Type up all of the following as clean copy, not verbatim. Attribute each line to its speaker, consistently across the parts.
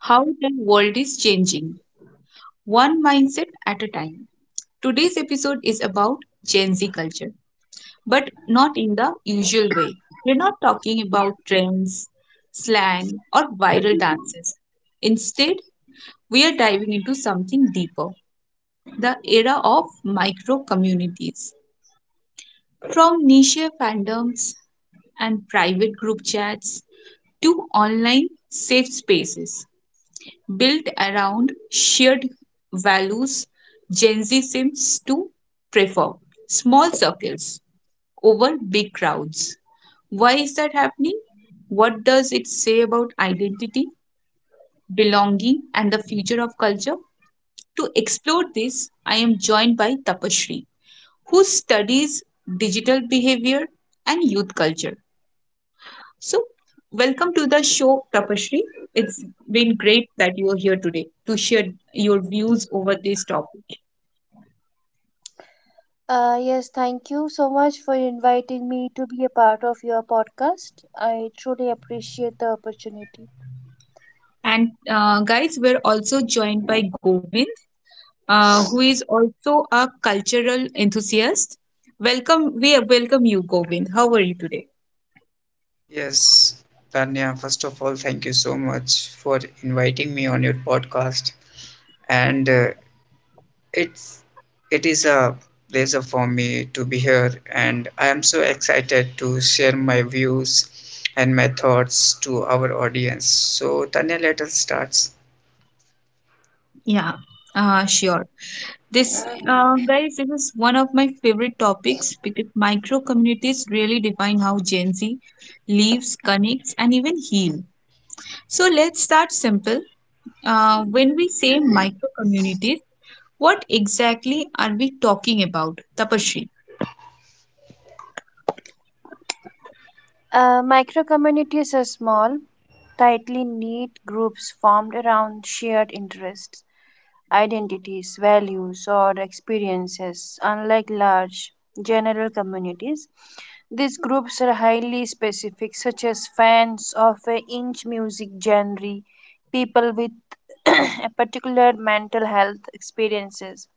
Speaker 1: how the world is changing, one mindset at a time. Today's episode is about Gen Z culture, but not in the usual way. We're not talking about trends, slang, or viral dances. Instead, we are diving into something deeper the era of micro communities. From niche fandoms and private group chats to online safe spaces built around shared values, Gen Z seems to prefer small circles over big crowds. Why is that happening? What does it say about identity, belonging, and the future of culture? To explore this, I am joined by Tapasree, who studies digital behavior and youth culture. So, welcome to the show, Tapashri. It's been great that you are here today to share your views over this topic.
Speaker 2: Yes, thank you so much for inviting me to be a part of your podcast. I truly appreciate the opportunity.
Speaker 1: And, guys, we're also joined by Govind, who is also a cultural enthusiast. Welcome, we welcome you, Govind. How are you today?
Speaker 3: Yes, Tanya, first of all, thank you so much for inviting me on your podcast. And it's it is a pleasure for me to be here, and I am so excited to share my views and my thoughts to our audience. So, Tanya, let us start.
Speaker 1: Yeah, sure. This, guys, this is one of my favorite topics because micro communities really define how Gen Z lives, connects, and even heal. So let's start simple. When we say micro communities, what exactly are we talking about, Tapashri?
Speaker 2: Micro communities are small, tightly knit groups formed around shared interests, identities, values, or experiences. Unlike large general communities, these groups are highly specific, such as fans of a niche music genre, people with a particular mental health experiences.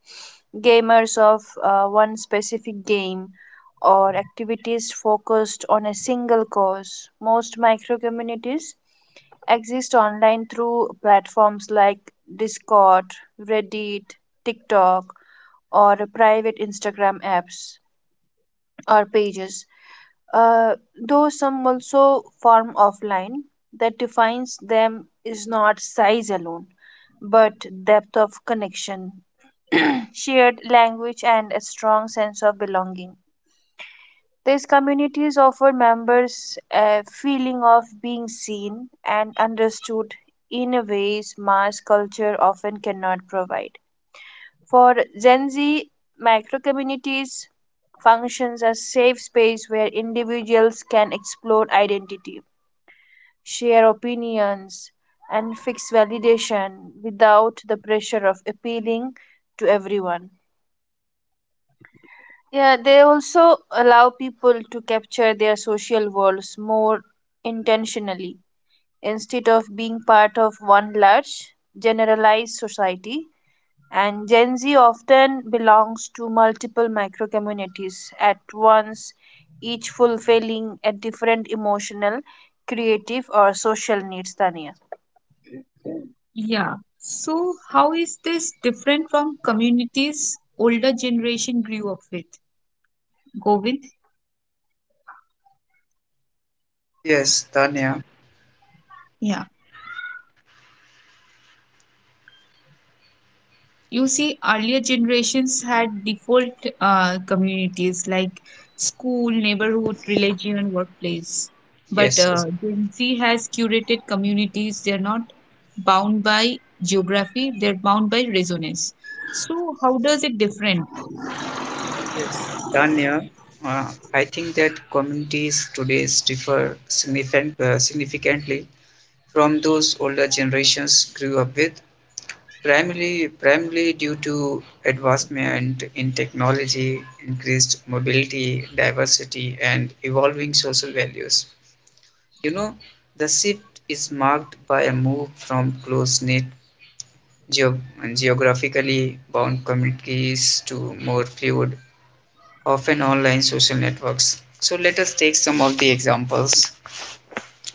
Speaker 2: Gamers of one specific game or activities focused on a single cause. Most micro communities exist online through platforms like Discord, Reddit, TikTok, or private Instagram apps or pages, uh, though some also form offline that defines them is not size alone but depth of connection, shared language and a strong sense of belonging. These communities offer members a feeling of being seen and understood in a ways mass culture often cannot provide for Gen Z. Microcommunities functions as safe space where individuals can explore identity, share opinions, and fix validation without the pressure of appealing to everyone. Yeah, they also allow people to capture their social worlds more intentionally instead of being part of one large generalized society. And Gen Z often belongs to multiple micro communities at once, each fulfilling a different emotional, creative, or social needs. Tania.
Speaker 1: Yeah. So how is this different from communities older generation grew up with? Govind?
Speaker 3: Yes, Tanya.
Speaker 1: Yeah. You see earlier generations had default communities like school, neighborhood, religion, workplace, but
Speaker 3: Yes, yes,
Speaker 1: Gen Z has curated communities. They're not bound by geography, they're bound by resonance. So how does it different?
Speaker 3: yes, Tanya. I think that communities today significantly from those older generations grew up with. Primarily due to advancement in technology, increased mobility, diversity, and evolving social values. You know, the shift is marked by a move from close-knit geo- geographically bound communities to more fluid, often online social networks. So let us take some of the examples,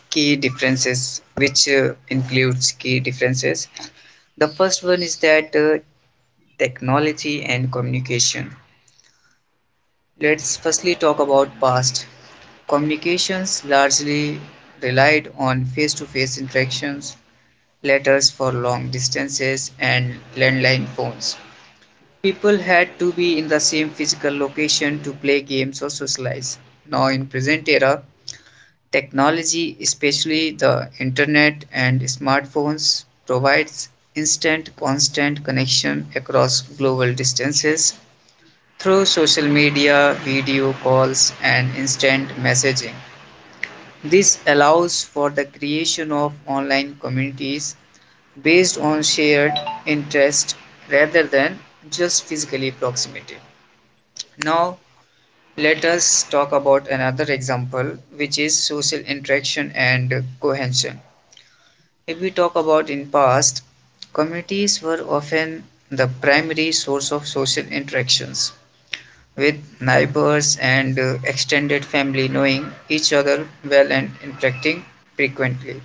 Speaker 3: key differences. The first one is that technology and communication. Let's firstly talk about past. Communications largely relied on face-to-face interactions, letters for long distances and landline phones. People had to be in the same physical location to play games or socialize. Now in present era, technology, especially the internet and smartphones provides instant constant connection across global distances through social media, video calls, and instant messaging. This allows for the creation of online communities based on shared interest rather than just physically proximity. Now, let us talk about another example, which is social interaction and cohesion. If we talk about in past, communities were often the primary source of social interactions with neighbors and extended family knowing each other well and interacting frequently.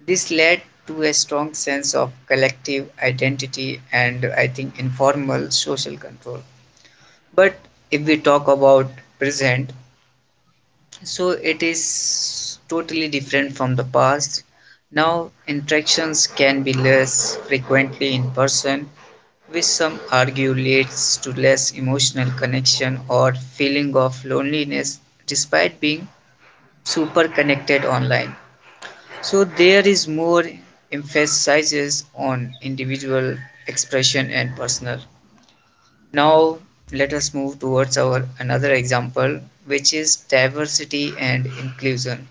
Speaker 3: This led to a strong sense of collective identity and I think informal social control. But if we talk about present, so it is totally different from the past. Now interactions can be less frequently in person, which some argue leads to less emotional connection or feeling of loneliness despite being super connected online. So there is more emphasizes on individual expression and personal. Now let us move towards our another example, which is diversity and inclusion.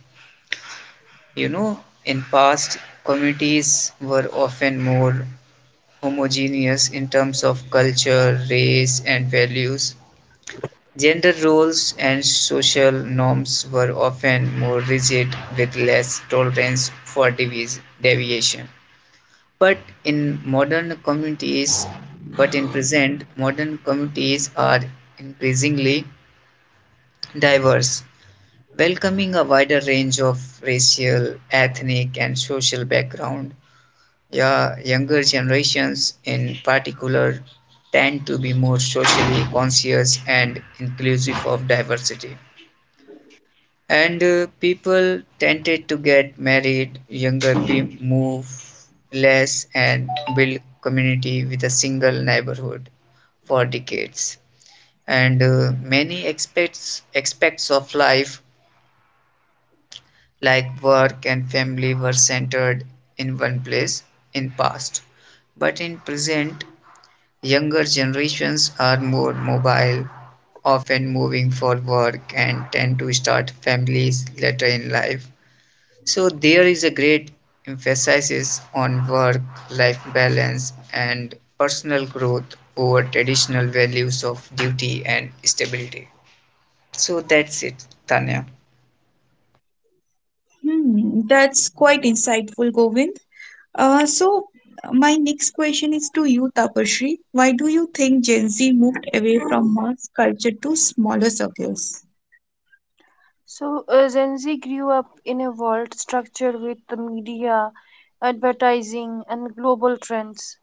Speaker 3: You know, in past, communities were often more homogeneous in terms of culture, race, and values. Gender roles and social norms were often more rigid with less tolerance for deviation. But in modern communities, but in present, modern communities are increasingly diverse, welcoming a wider range of racial, ethnic, and social background. Yeah, younger generations in particular tend to be more socially conscious and inclusive of diversity, and people tended to get married younger, people move less and build community with a single neighborhood for decades. And many aspects of life like work and family were centered in one place in past. But in present, younger generations are more mobile, often moving for work and tend to start families later in life. So there is a great emphasis on work-life balance and personal growth over traditional values of duty and stability. So that's it, Tanya.
Speaker 1: Hmm, that's quite insightful, Govind. Uh, so, my next question is to you, Tapashri. Why do you think Gen Z moved away from mass culture to smaller circles?
Speaker 2: So, Gen Z grew up in a world structured with the media, advertising, and global trends,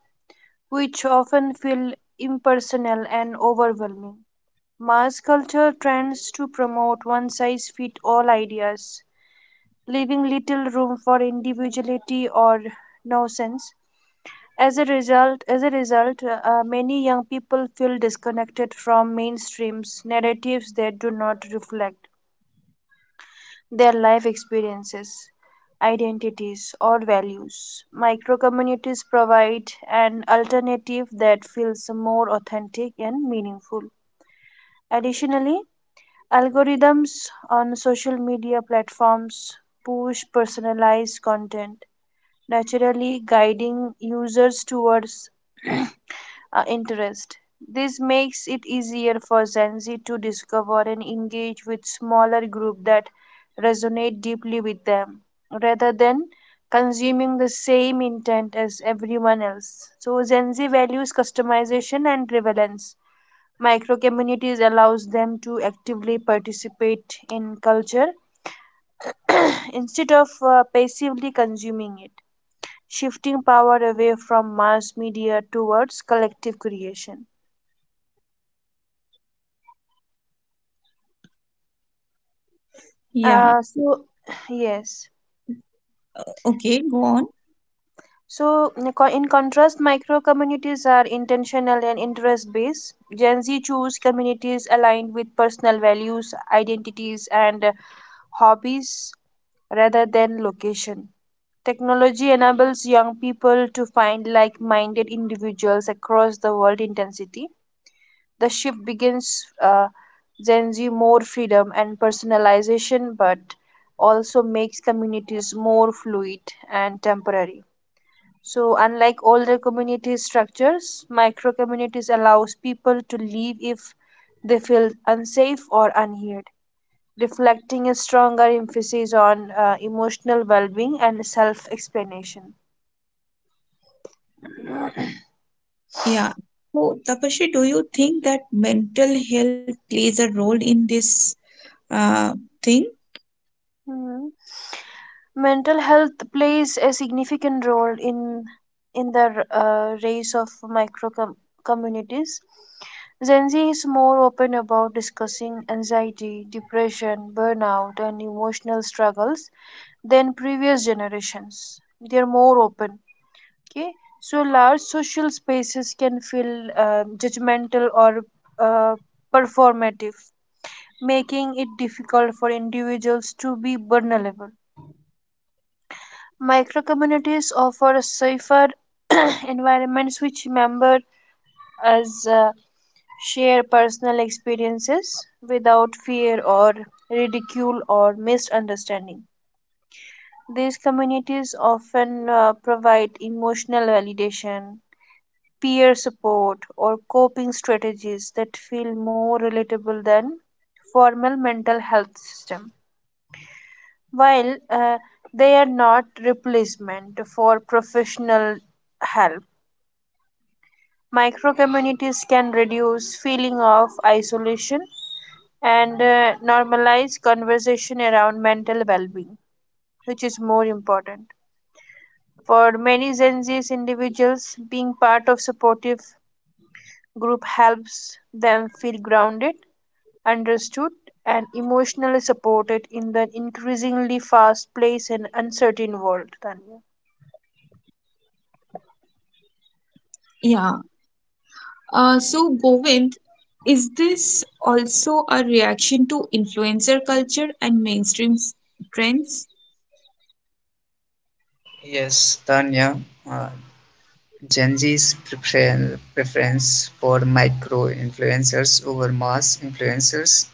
Speaker 2: which often feel impersonal and overwhelming. Mass culture trends to promote one size fits all ideas, leaving little room for individuality or nuisance. As a result, many young people feel disconnected from mainstreams narratives that do not reflect their life experiences, identities, or values. Microcommunities provide an alternative that feels more authentic and meaningful. Additionally, algorithms on social media platforms push personalized content, naturally guiding users towards interest. This makes it easier for Gen Z to discover and engage with smaller groups that resonate deeply with them, rather than consuming the same intent as everyone else. So Gen Z values customization and relevance. Micro communities allows them to actively participate in culture instead of passively consuming it, shifting power away from mass media towards collective creation.
Speaker 1: Yeah.
Speaker 2: Uh, so, yes.
Speaker 1: Okay, go on.
Speaker 2: So, in contrast, micro communities are intentional and interest based. Gen Z choose communities aligned with personal values, identities, and hobbies rather than location. Technology enables young people to find like minded individuals across the world intensity. The shift begins Gen Z more freedom and personalization, but also makes communities more fluid and temporary. So, unlike older community structures, micro communities allows people to leave if they feel unsafe or unheard, reflecting a stronger emphasis on emotional well-being and self-explanation.
Speaker 1: Yeah. So, Tapasri, do you think that mental health plays a role in this uh, thing?
Speaker 2: Mhm. Mental health plays a significant role in the raise of micro com- communities. Gen Z is more open about discussing anxiety, depression, burnout, and emotional struggles than previous generations. They're more open. Okay, so large social spaces can feel judgmental or uh, performative, making it difficult for individuals to be vulnerable. Microcommunities offer safer environments which members as share personal experiences without fear or ridicule or misunderstanding. These communities often provide emotional validation, peer support, or coping strategies that feel more relatable than formal mental health system. While they are not replacement for professional help, micro communities can reduce feeling of isolation and normalize conversation around mental well-being, which is more important. For many gen z's individuals, being part of supportive group helps them feel grounded, understood, and emotionally supported in the increasingly fast paced and uncertain world. Tanya.
Speaker 1: Yeah. Govind, is this also a reaction to influencer culture and mainstream trends?
Speaker 3: Yes, Tanya. Uh, Gen Z's preference for micro influencers over mass influencers.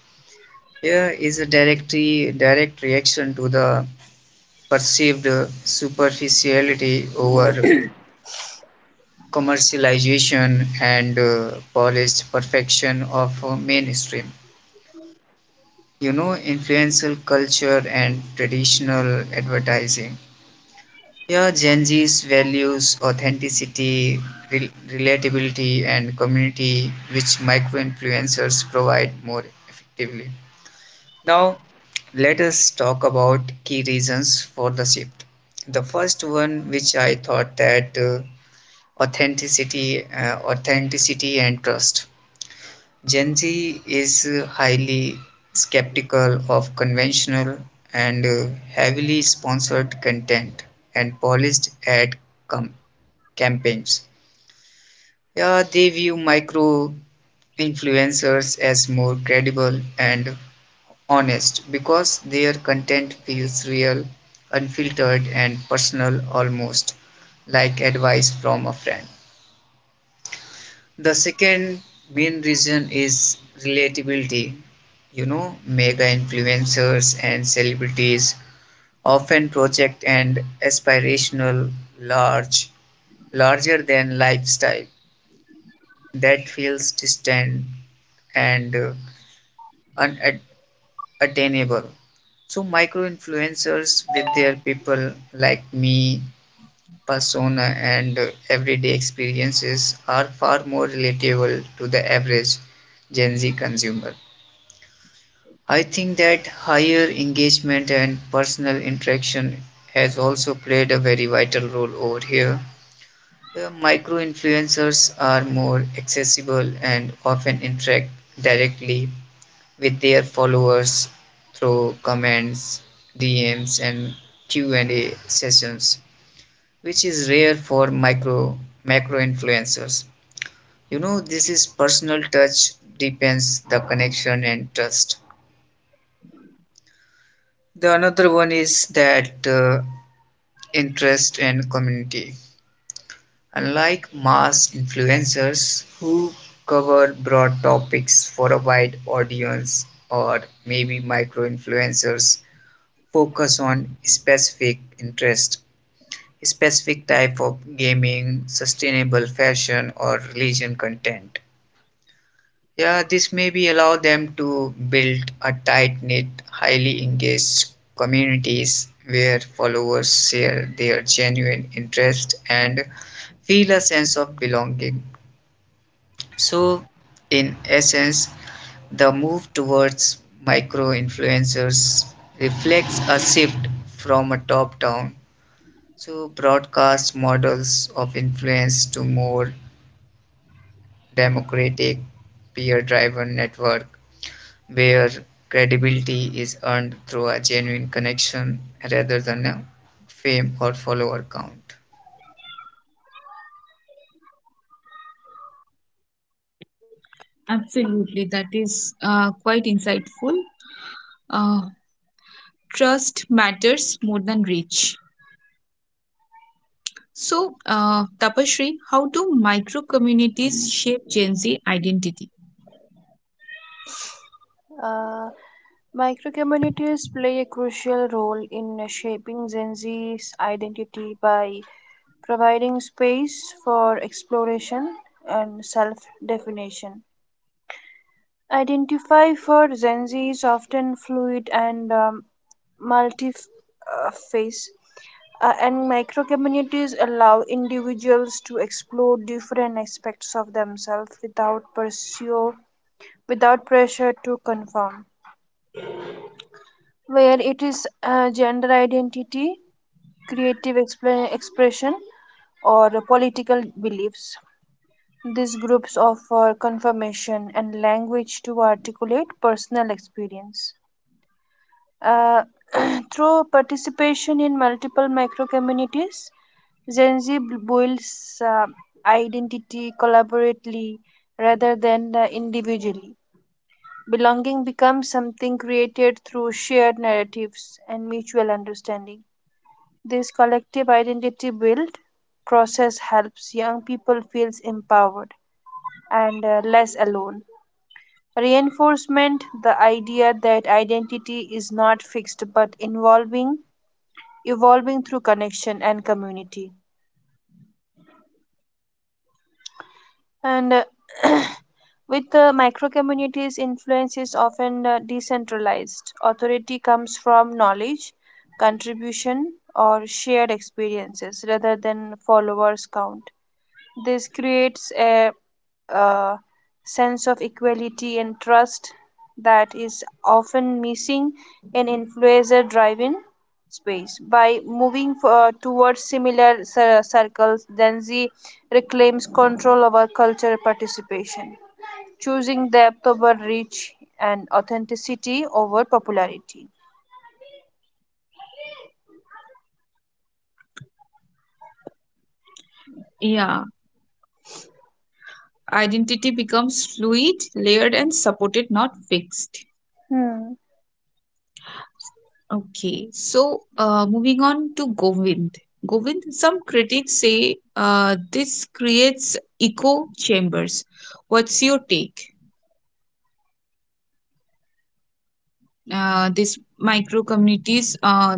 Speaker 3: Fear is a directly direct reaction to the perceived superficiality over commercialization and polished perfection of mainstream. You know, influential culture and traditional advertising. Yeah, Gen Z's values authenticity, relatability, and community, which micro influencers provide more effectively. Now, let us talk about key reasons for the shift. The first one, which I thought that authenticity and trust. Gen Z is highly skeptical of conventional and heavily sponsored content and polished ad com- campaigns. Yeah, they view micro influencers as more credible and honest because their content feels real, unfiltered, and personal, almost like advice from a friend. The second main reason is relatability. You know, mega influencers and celebrities often project an aspirational, large, larger than lifestyle that feels distant and unad- attainable. So micro influencers with their people like me persona and everyday experiences are far more relatable to the average Gen Z consumer. I think that higher engagement and personal interaction has also played a very vital role over here. Micro influencers are more accessible and often interact directly with their followers through comments, DMs, and Q&A sessions, which is rare for micro macro influencers. You know, this is personal touch depends the connection and trust. The another one is that interest and community. Unlike mass influencers who cover broad topics for a wide audience or maybe micro influencers focus on specific interest, specific type of gaming, sustainable fashion or religion content. Yeah, this may be allow them to build a tight-knit, highly engaged communities where followers share their genuine interest and feel a sense of belonging. So, in essence, the move towards micro influencers reflects a shift from a top down, broadcast models of influence to more democratic, peer driven network where credibility is earned through a genuine connection rather than a fame or follower count.
Speaker 1: Absolutely. That is quite insightful. Uh, Trust matters more than reach. So, Tapashri, how do micro communities shape Gen Z identity?
Speaker 2: Uh, Micro communities play a crucial role in shaping Gen Z's identity by providing space for exploration and self definition. Identify for Gen Z is often fluid and multi face. And micro communities allow individuals to explore different aspects of themselves without pressure to conform, where it is gender identity, expression, or political beliefs. These groups offer confirmation and language to articulate personal experience. Uh, Through participation in multiple micro communities, Gen Z builds identity collaboratively rather than individually. Belonging becomes something created through shared narratives and mutual understanding. This collective identity build process helps young people feels empowered and less alone. Reinforcement the idea that identity is not fixed but involving evolving through connection and community. And with the micro communities, influence is often decentralized. Authority comes from knowledge, contribution or shared experiences rather than followers count. This creates a uh sense of equality and trust that is often missing in influencer driven space. By moving towards similar circles, Gen Z reclaims control over cultural participation, choosing depth over reach and authenticity over popularity.
Speaker 1: Yeah. Identity becomes fluid, layered, and supported, not fixed.
Speaker 2: Hmm.
Speaker 1: Okay, so moving on to Govind. Govind, some critics say this creates echo chambers. What's your take? These micro communities,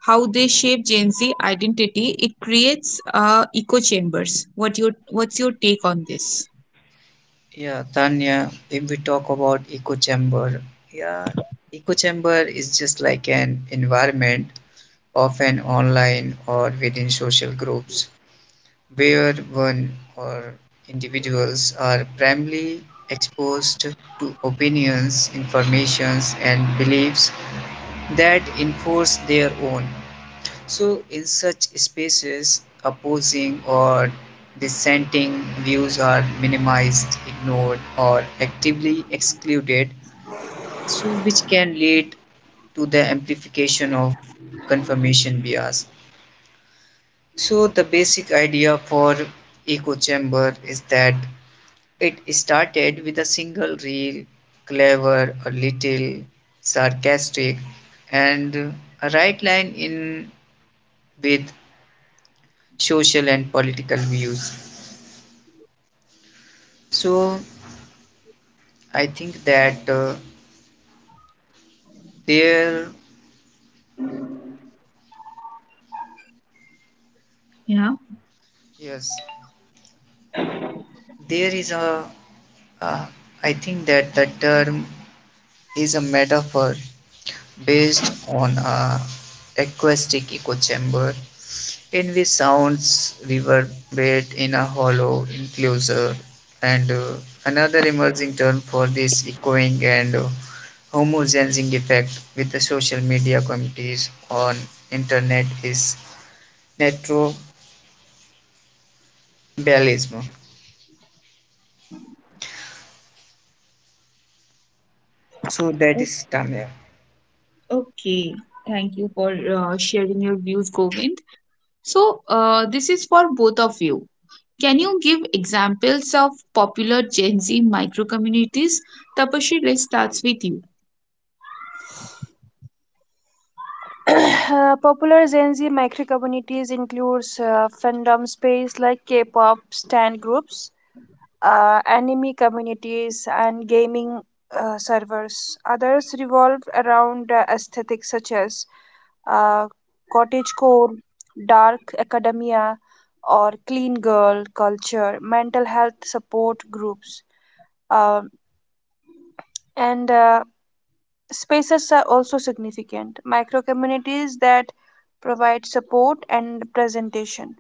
Speaker 1: how they shape Gen Z identity, it creates echo chambers. What's your take on this?
Speaker 3: Yeah, Tanya, if we talk about echo chamber, yeah, echo chamber is just like an environment often online or within social groups where one or individuals are primarily exposed to opinions, informations, and beliefs that enforce their own. So, in such spaces, opposing or dissenting views are minimized, ignored, or actively excluded, so which can lead to the amplification of confirmation bias. So, the basic idea for echo chamber is that it started with a single reel, clever, a little sarcastic, and a right line in with social and political views. So I think that there,
Speaker 1: Yeah.
Speaker 3: yes, there is a. Uh, I think that the term is a metaphor based on a acoustic echo chamber, in which sounds reverberate in a hollow enclosure, and another emerging term for this echoing and homogenizing effect with the social media communities on internet is netrobalism. So that
Speaker 1: O-
Speaker 3: is Tanya.
Speaker 1: Okay. Thank you for sharing your views, Govind. So, this is for both of you. Can you give examples of popular Gen Z micro communities? Tapashi, let's start with you.
Speaker 2: Popular Gen Z micro communities includes fandom space like K-pop stan groups, anime communities, and gaming servers. Others revolve around aesthetics such as uh, cottagecore, dark academia, or clean girl culture, mental health support groups, Um and Spaces are also significant, micro communities that provide support and presentation.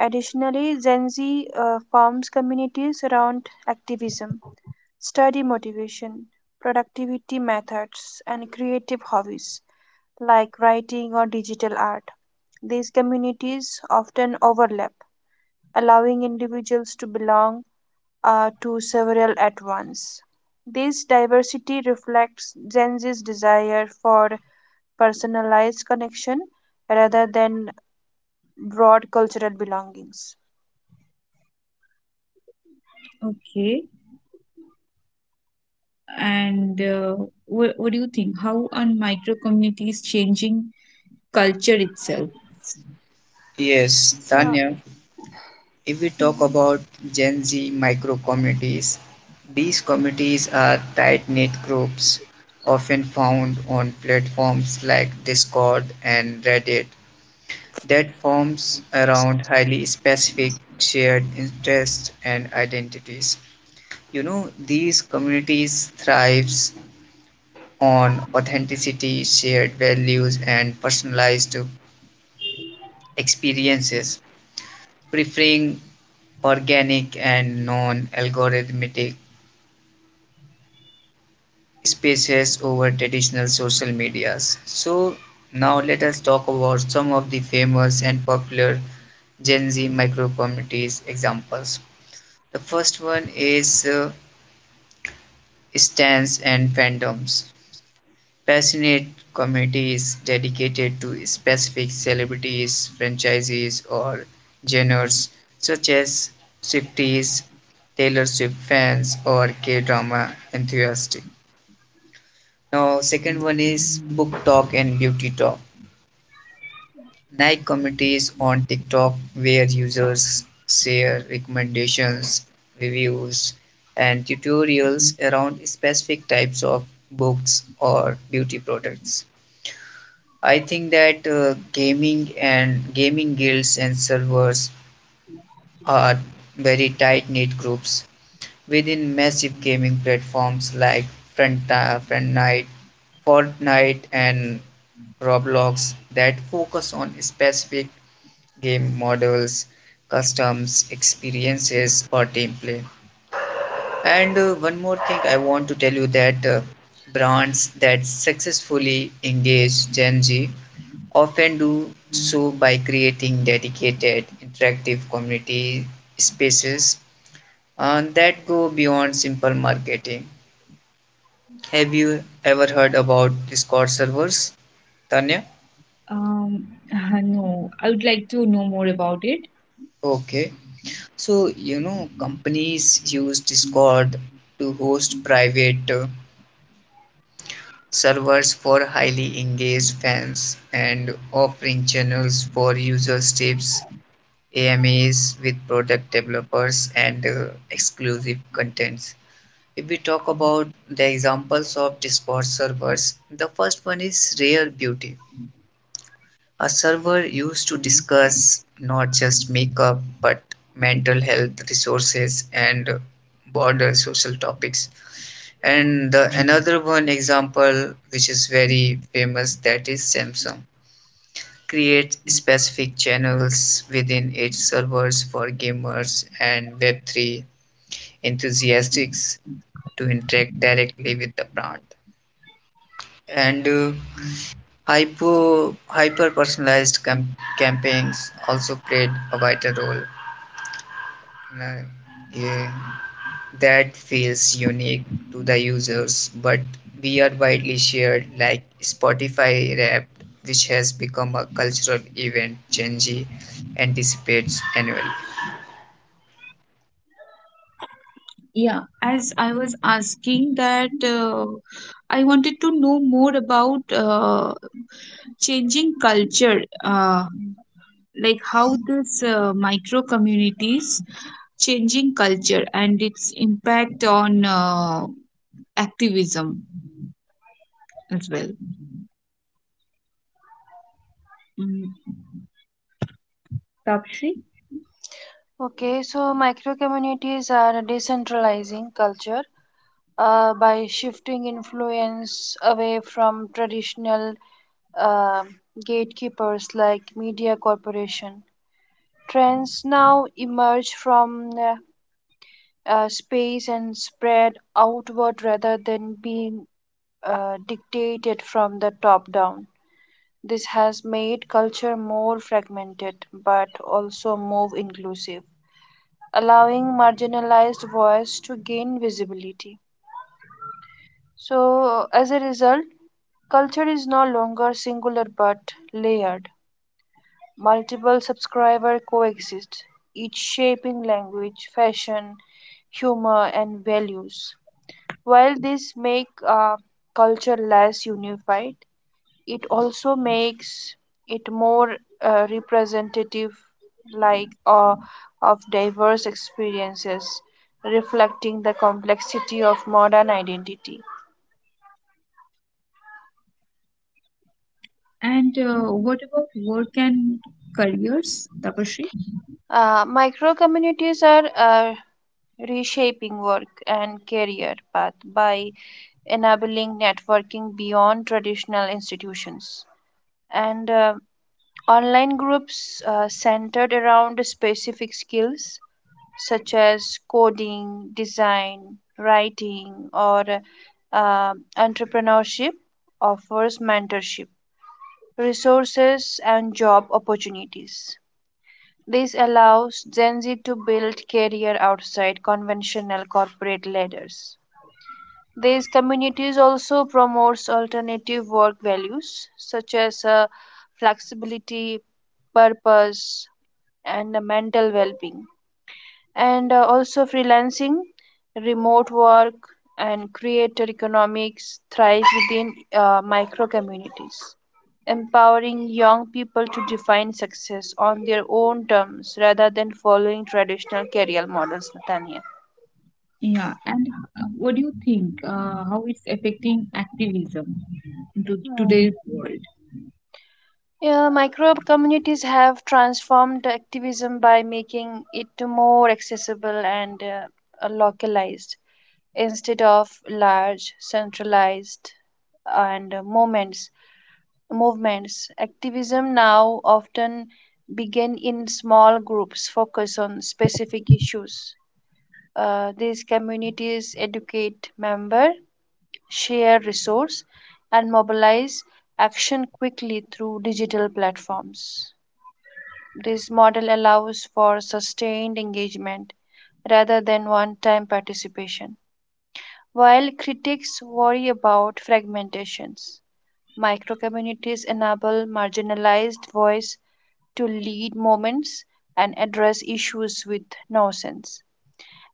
Speaker 2: Additionally, Gen Z forms communities around activism, study motivation, productivity methods, and creative hobbies like writing or digital art. These communities often overlap, allowing individuals to belong to several at once. This diversity reflects Gen Z's desire for personalized connection rather than broad cultural belongings.
Speaker 1: Okay, and what do you think? How are micro communities changing culture itself?
Speaker 3: Yes,
Speaker 2: So,
Speaker 3: Tanya. If we talk about Gen Z micro communities, these communities are tight knit groups often found on platforms like Discord and Reddit that forms around highly specific shared interests and identities. You know, these communities thrives on authenticity, shared values and personalized experiences, preferring organic and non-algorithmic spaces over traditional social medias. So now let us talk about some of the famous and popular Gen Z micro communities examples. The first one is stands and fandoms. Passionate communities dedicated to specific celebrities, franchises, or genres such as Swifties, Taylor Swift fans, or K drama enthusiasts. Now, second one is book talk and beauty talk. Like committees on TikTok where users share recommendations, reviews, and tutorials around specific types of books or beauty products. I think that gaming and gaming guilds and servers are very tight-knit groups within massive gaming platforms like Front, uh, Fortnite, and Roblox that focus on specific game models, customs, experiences for team play. And one more thing I want to tell you that brands that successfully engage Gen Z often do so by creating dedicated interactive community spaces that go beyond simple marketing. Have you ever heard about Discord servers, Tanya?
Speaker 1: Um, no, I would like to know more about it.
Speaker 3: Okay. So, you know, companies use Discord to host private servers for highly engaged fans and offering channels for users tips, AMAs with product developers and exclusive contents. If we talk about the examples of Discord servers, the first one is Rare Beauty. A server used to discuss not just makeup but mental health resources and broader social topics. And the another one example which is very famous that is Samsung create specific channels within its servers for gamers and web3 enthusiasts to interact directly with the brand. And hyper personalized campaigns also played a vital role in a- yeah, that feels unique to the users, but we are widely shared like Spotify Wrapped, which has become a cultural event Gen Z anticipates annually.
Speaker 1: Yeah, as I was asking that, I wanted to know more about changing culture. Like how this micro communities changing culture and its impact on activism as well. Mm, Tapashri,
Speaker 2: okay, so micro communities are decentralizing culture by shifting influence away from traditional uh, gatekeepers like media corporation. Trends now emerge from space and spread outward rather than being dictated from the top down. This has made culture more fragmented but also more inclusive, allowing marginalized voice to gain visibility. So, as a result, culture is no longer singular but layered. Multiple subscribers coexist, each shaping language, fashion, humor, and values. While this make culture less unified, it also makes it more representative, like of diverse experiences, reflecting the complexity of modern identity.
Speaker 1: and what about work and careers, Tapashri?
Speaker 2: Micro communities are reshaping work and career path by enabling networking beyond traditional institutions. And online groups centered around specific skills such as coding, design, writing, or entrepreneurship offers mentorship, resources, and job opportunities. This allows Gen Z to build career outside conventional corporate ladders. These communities also promotes alternative work values such as flexibility, purpose, and mental well-being. And also freelancing, remote work, and creator economics thrive within micro communities, empowering young people to define success on their own terms rather than following traditional career models. Natanya.
Speaker 1: Yeah, and what do you think? How it's affecting activism to
Speaker 2: Hmm.
Speaker 1: today's world?
Speaker 2: Yeah, microbe communities have transformed activism by making it more accessible and localized instead of large, centralized, and moments movements. Activism now often begin in small groups focus on specific issues. These communities educate members, share resources, and mobilize action quickly through digital platforms. This model allows for sustained engagement rather than one time participation. While critics worry about fragmentations, microcommunities enable marginalized voices to lead moments and address issues with nuance.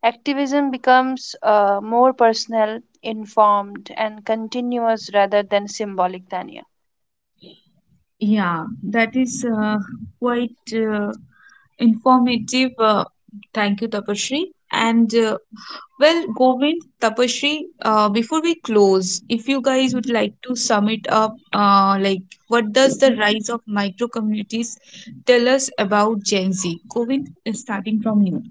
Speaker 2: Activism becomes more personal, informed, and continuous rather than symbolic, Tanya.
Speaker 1: Yeah, that is quite informative. Thank you, Tapashri. And Well, Govind, Tapasri, before we close, if you guys would like to sum it up, like what does the rise of micro communities tell us about Gen Z? Govind, starting from you.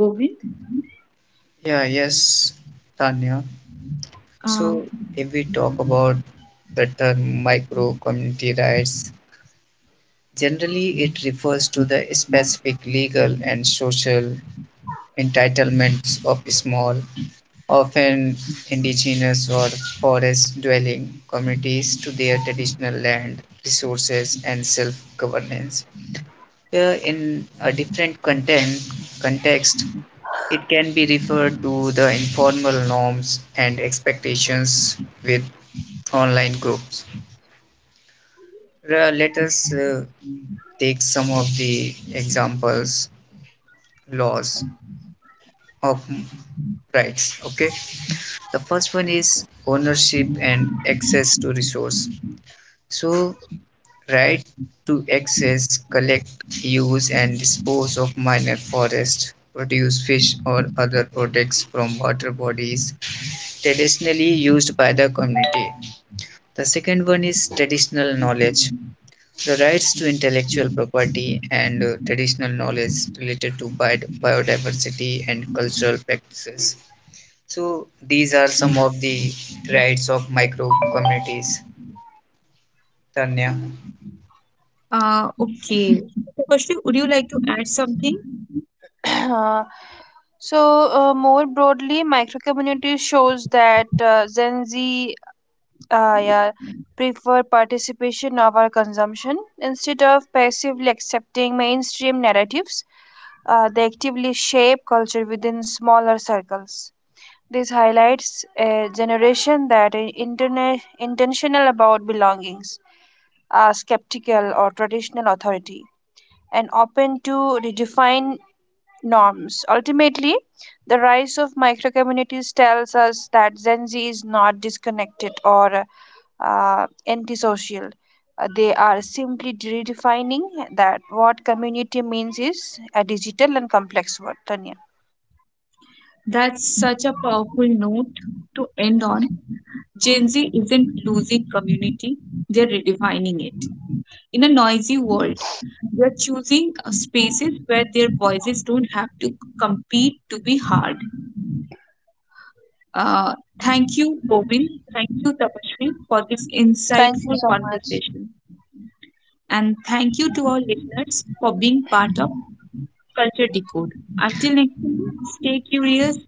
Speaker 1: Govind,
Speaker 3: Yeah, yes, Tanya. So
Speaker 1: uh,
Speaker 3: if we talk about the term micro community rights, generally it refers to the specific legal and social entitlements of small, often indigenous or forest-dwelling communities to their traditional land, resources and self-governance. Here in a different context, it can be referred to the informal norms and expectations with online groups. Let us take some of the examples, laws of rights. Okay, the first one is ownership and access to resource. So right to access, collect, use and dispose of minor forest produce, fish or other products from water bodies traditionally used by the community. The second one is traditional knowledge, the rights to intellectual property and traditional knowledge related to bi biodiversity and cultural practices. So these are some of the rights of micro communities. Tanya,
Speaker 1: okay. Tapasri, would you like to add something?
Speaker 2: Uh, so, More broadly, microcommunity shows that Gen Z uh, yeah, prefer participation over consumption. Instead of passively accepting mainstream narratives, they actively shape culture within smaller circles. This highlights a generation that is intentional about belongings, are skeptical or traditional authority, and open to redefine norms. Ultimately, the rise of microcommunities tells us that Gen Z is not disconnected or antisocial. They are simply redefining that what community means is a digital and complex word. Tanya.
Speaker 1: That's such a powerful note to end on. Gen Z isn't losing community, they're redefining it in a noisy world. They're choosing spaces where their voices don't have to compete to be heard. Uh, Thank you, Govind. Thank you, Tapashri, for this
Speaker 2: Thank you
Speaker 1: insightful
Speaker 2: so much.
Speaker 1: conversation. And thank you to our listeners for being part of Culture Decode. Until next time, stay curious,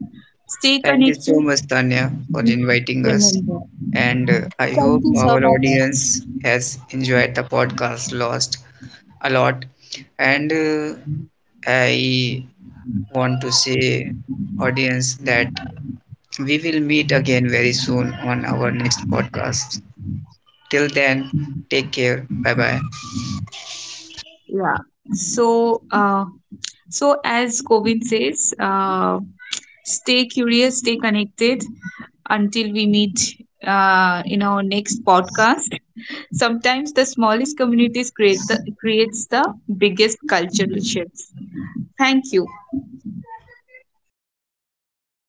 Speaker 1: stay
Speaker 3: thank you so
Speaker 1: connected,
Speaker 3: much, Tanya, for
Speaker 1: and
Speaker 3: inviting us.
Speaker 1: remember.
Speaker 3: And I
Speaker 2: Thank you
Speaker 3: hope
Speaker 2: so
Speaker 3: our
Speaker 2: much.
Speaker 3: audience has enjoyed the podcast lost a lot. And I want to say, audience, that we will meet again very soon on our next podcast. Till then, take care. Bye bye.
Speaker 1: Yeah. So, as Govind says, stay curious, stay connected, until we meet in our next podcast. Sometimes the smallest communities creates the biggest cultural shifts. Thank you.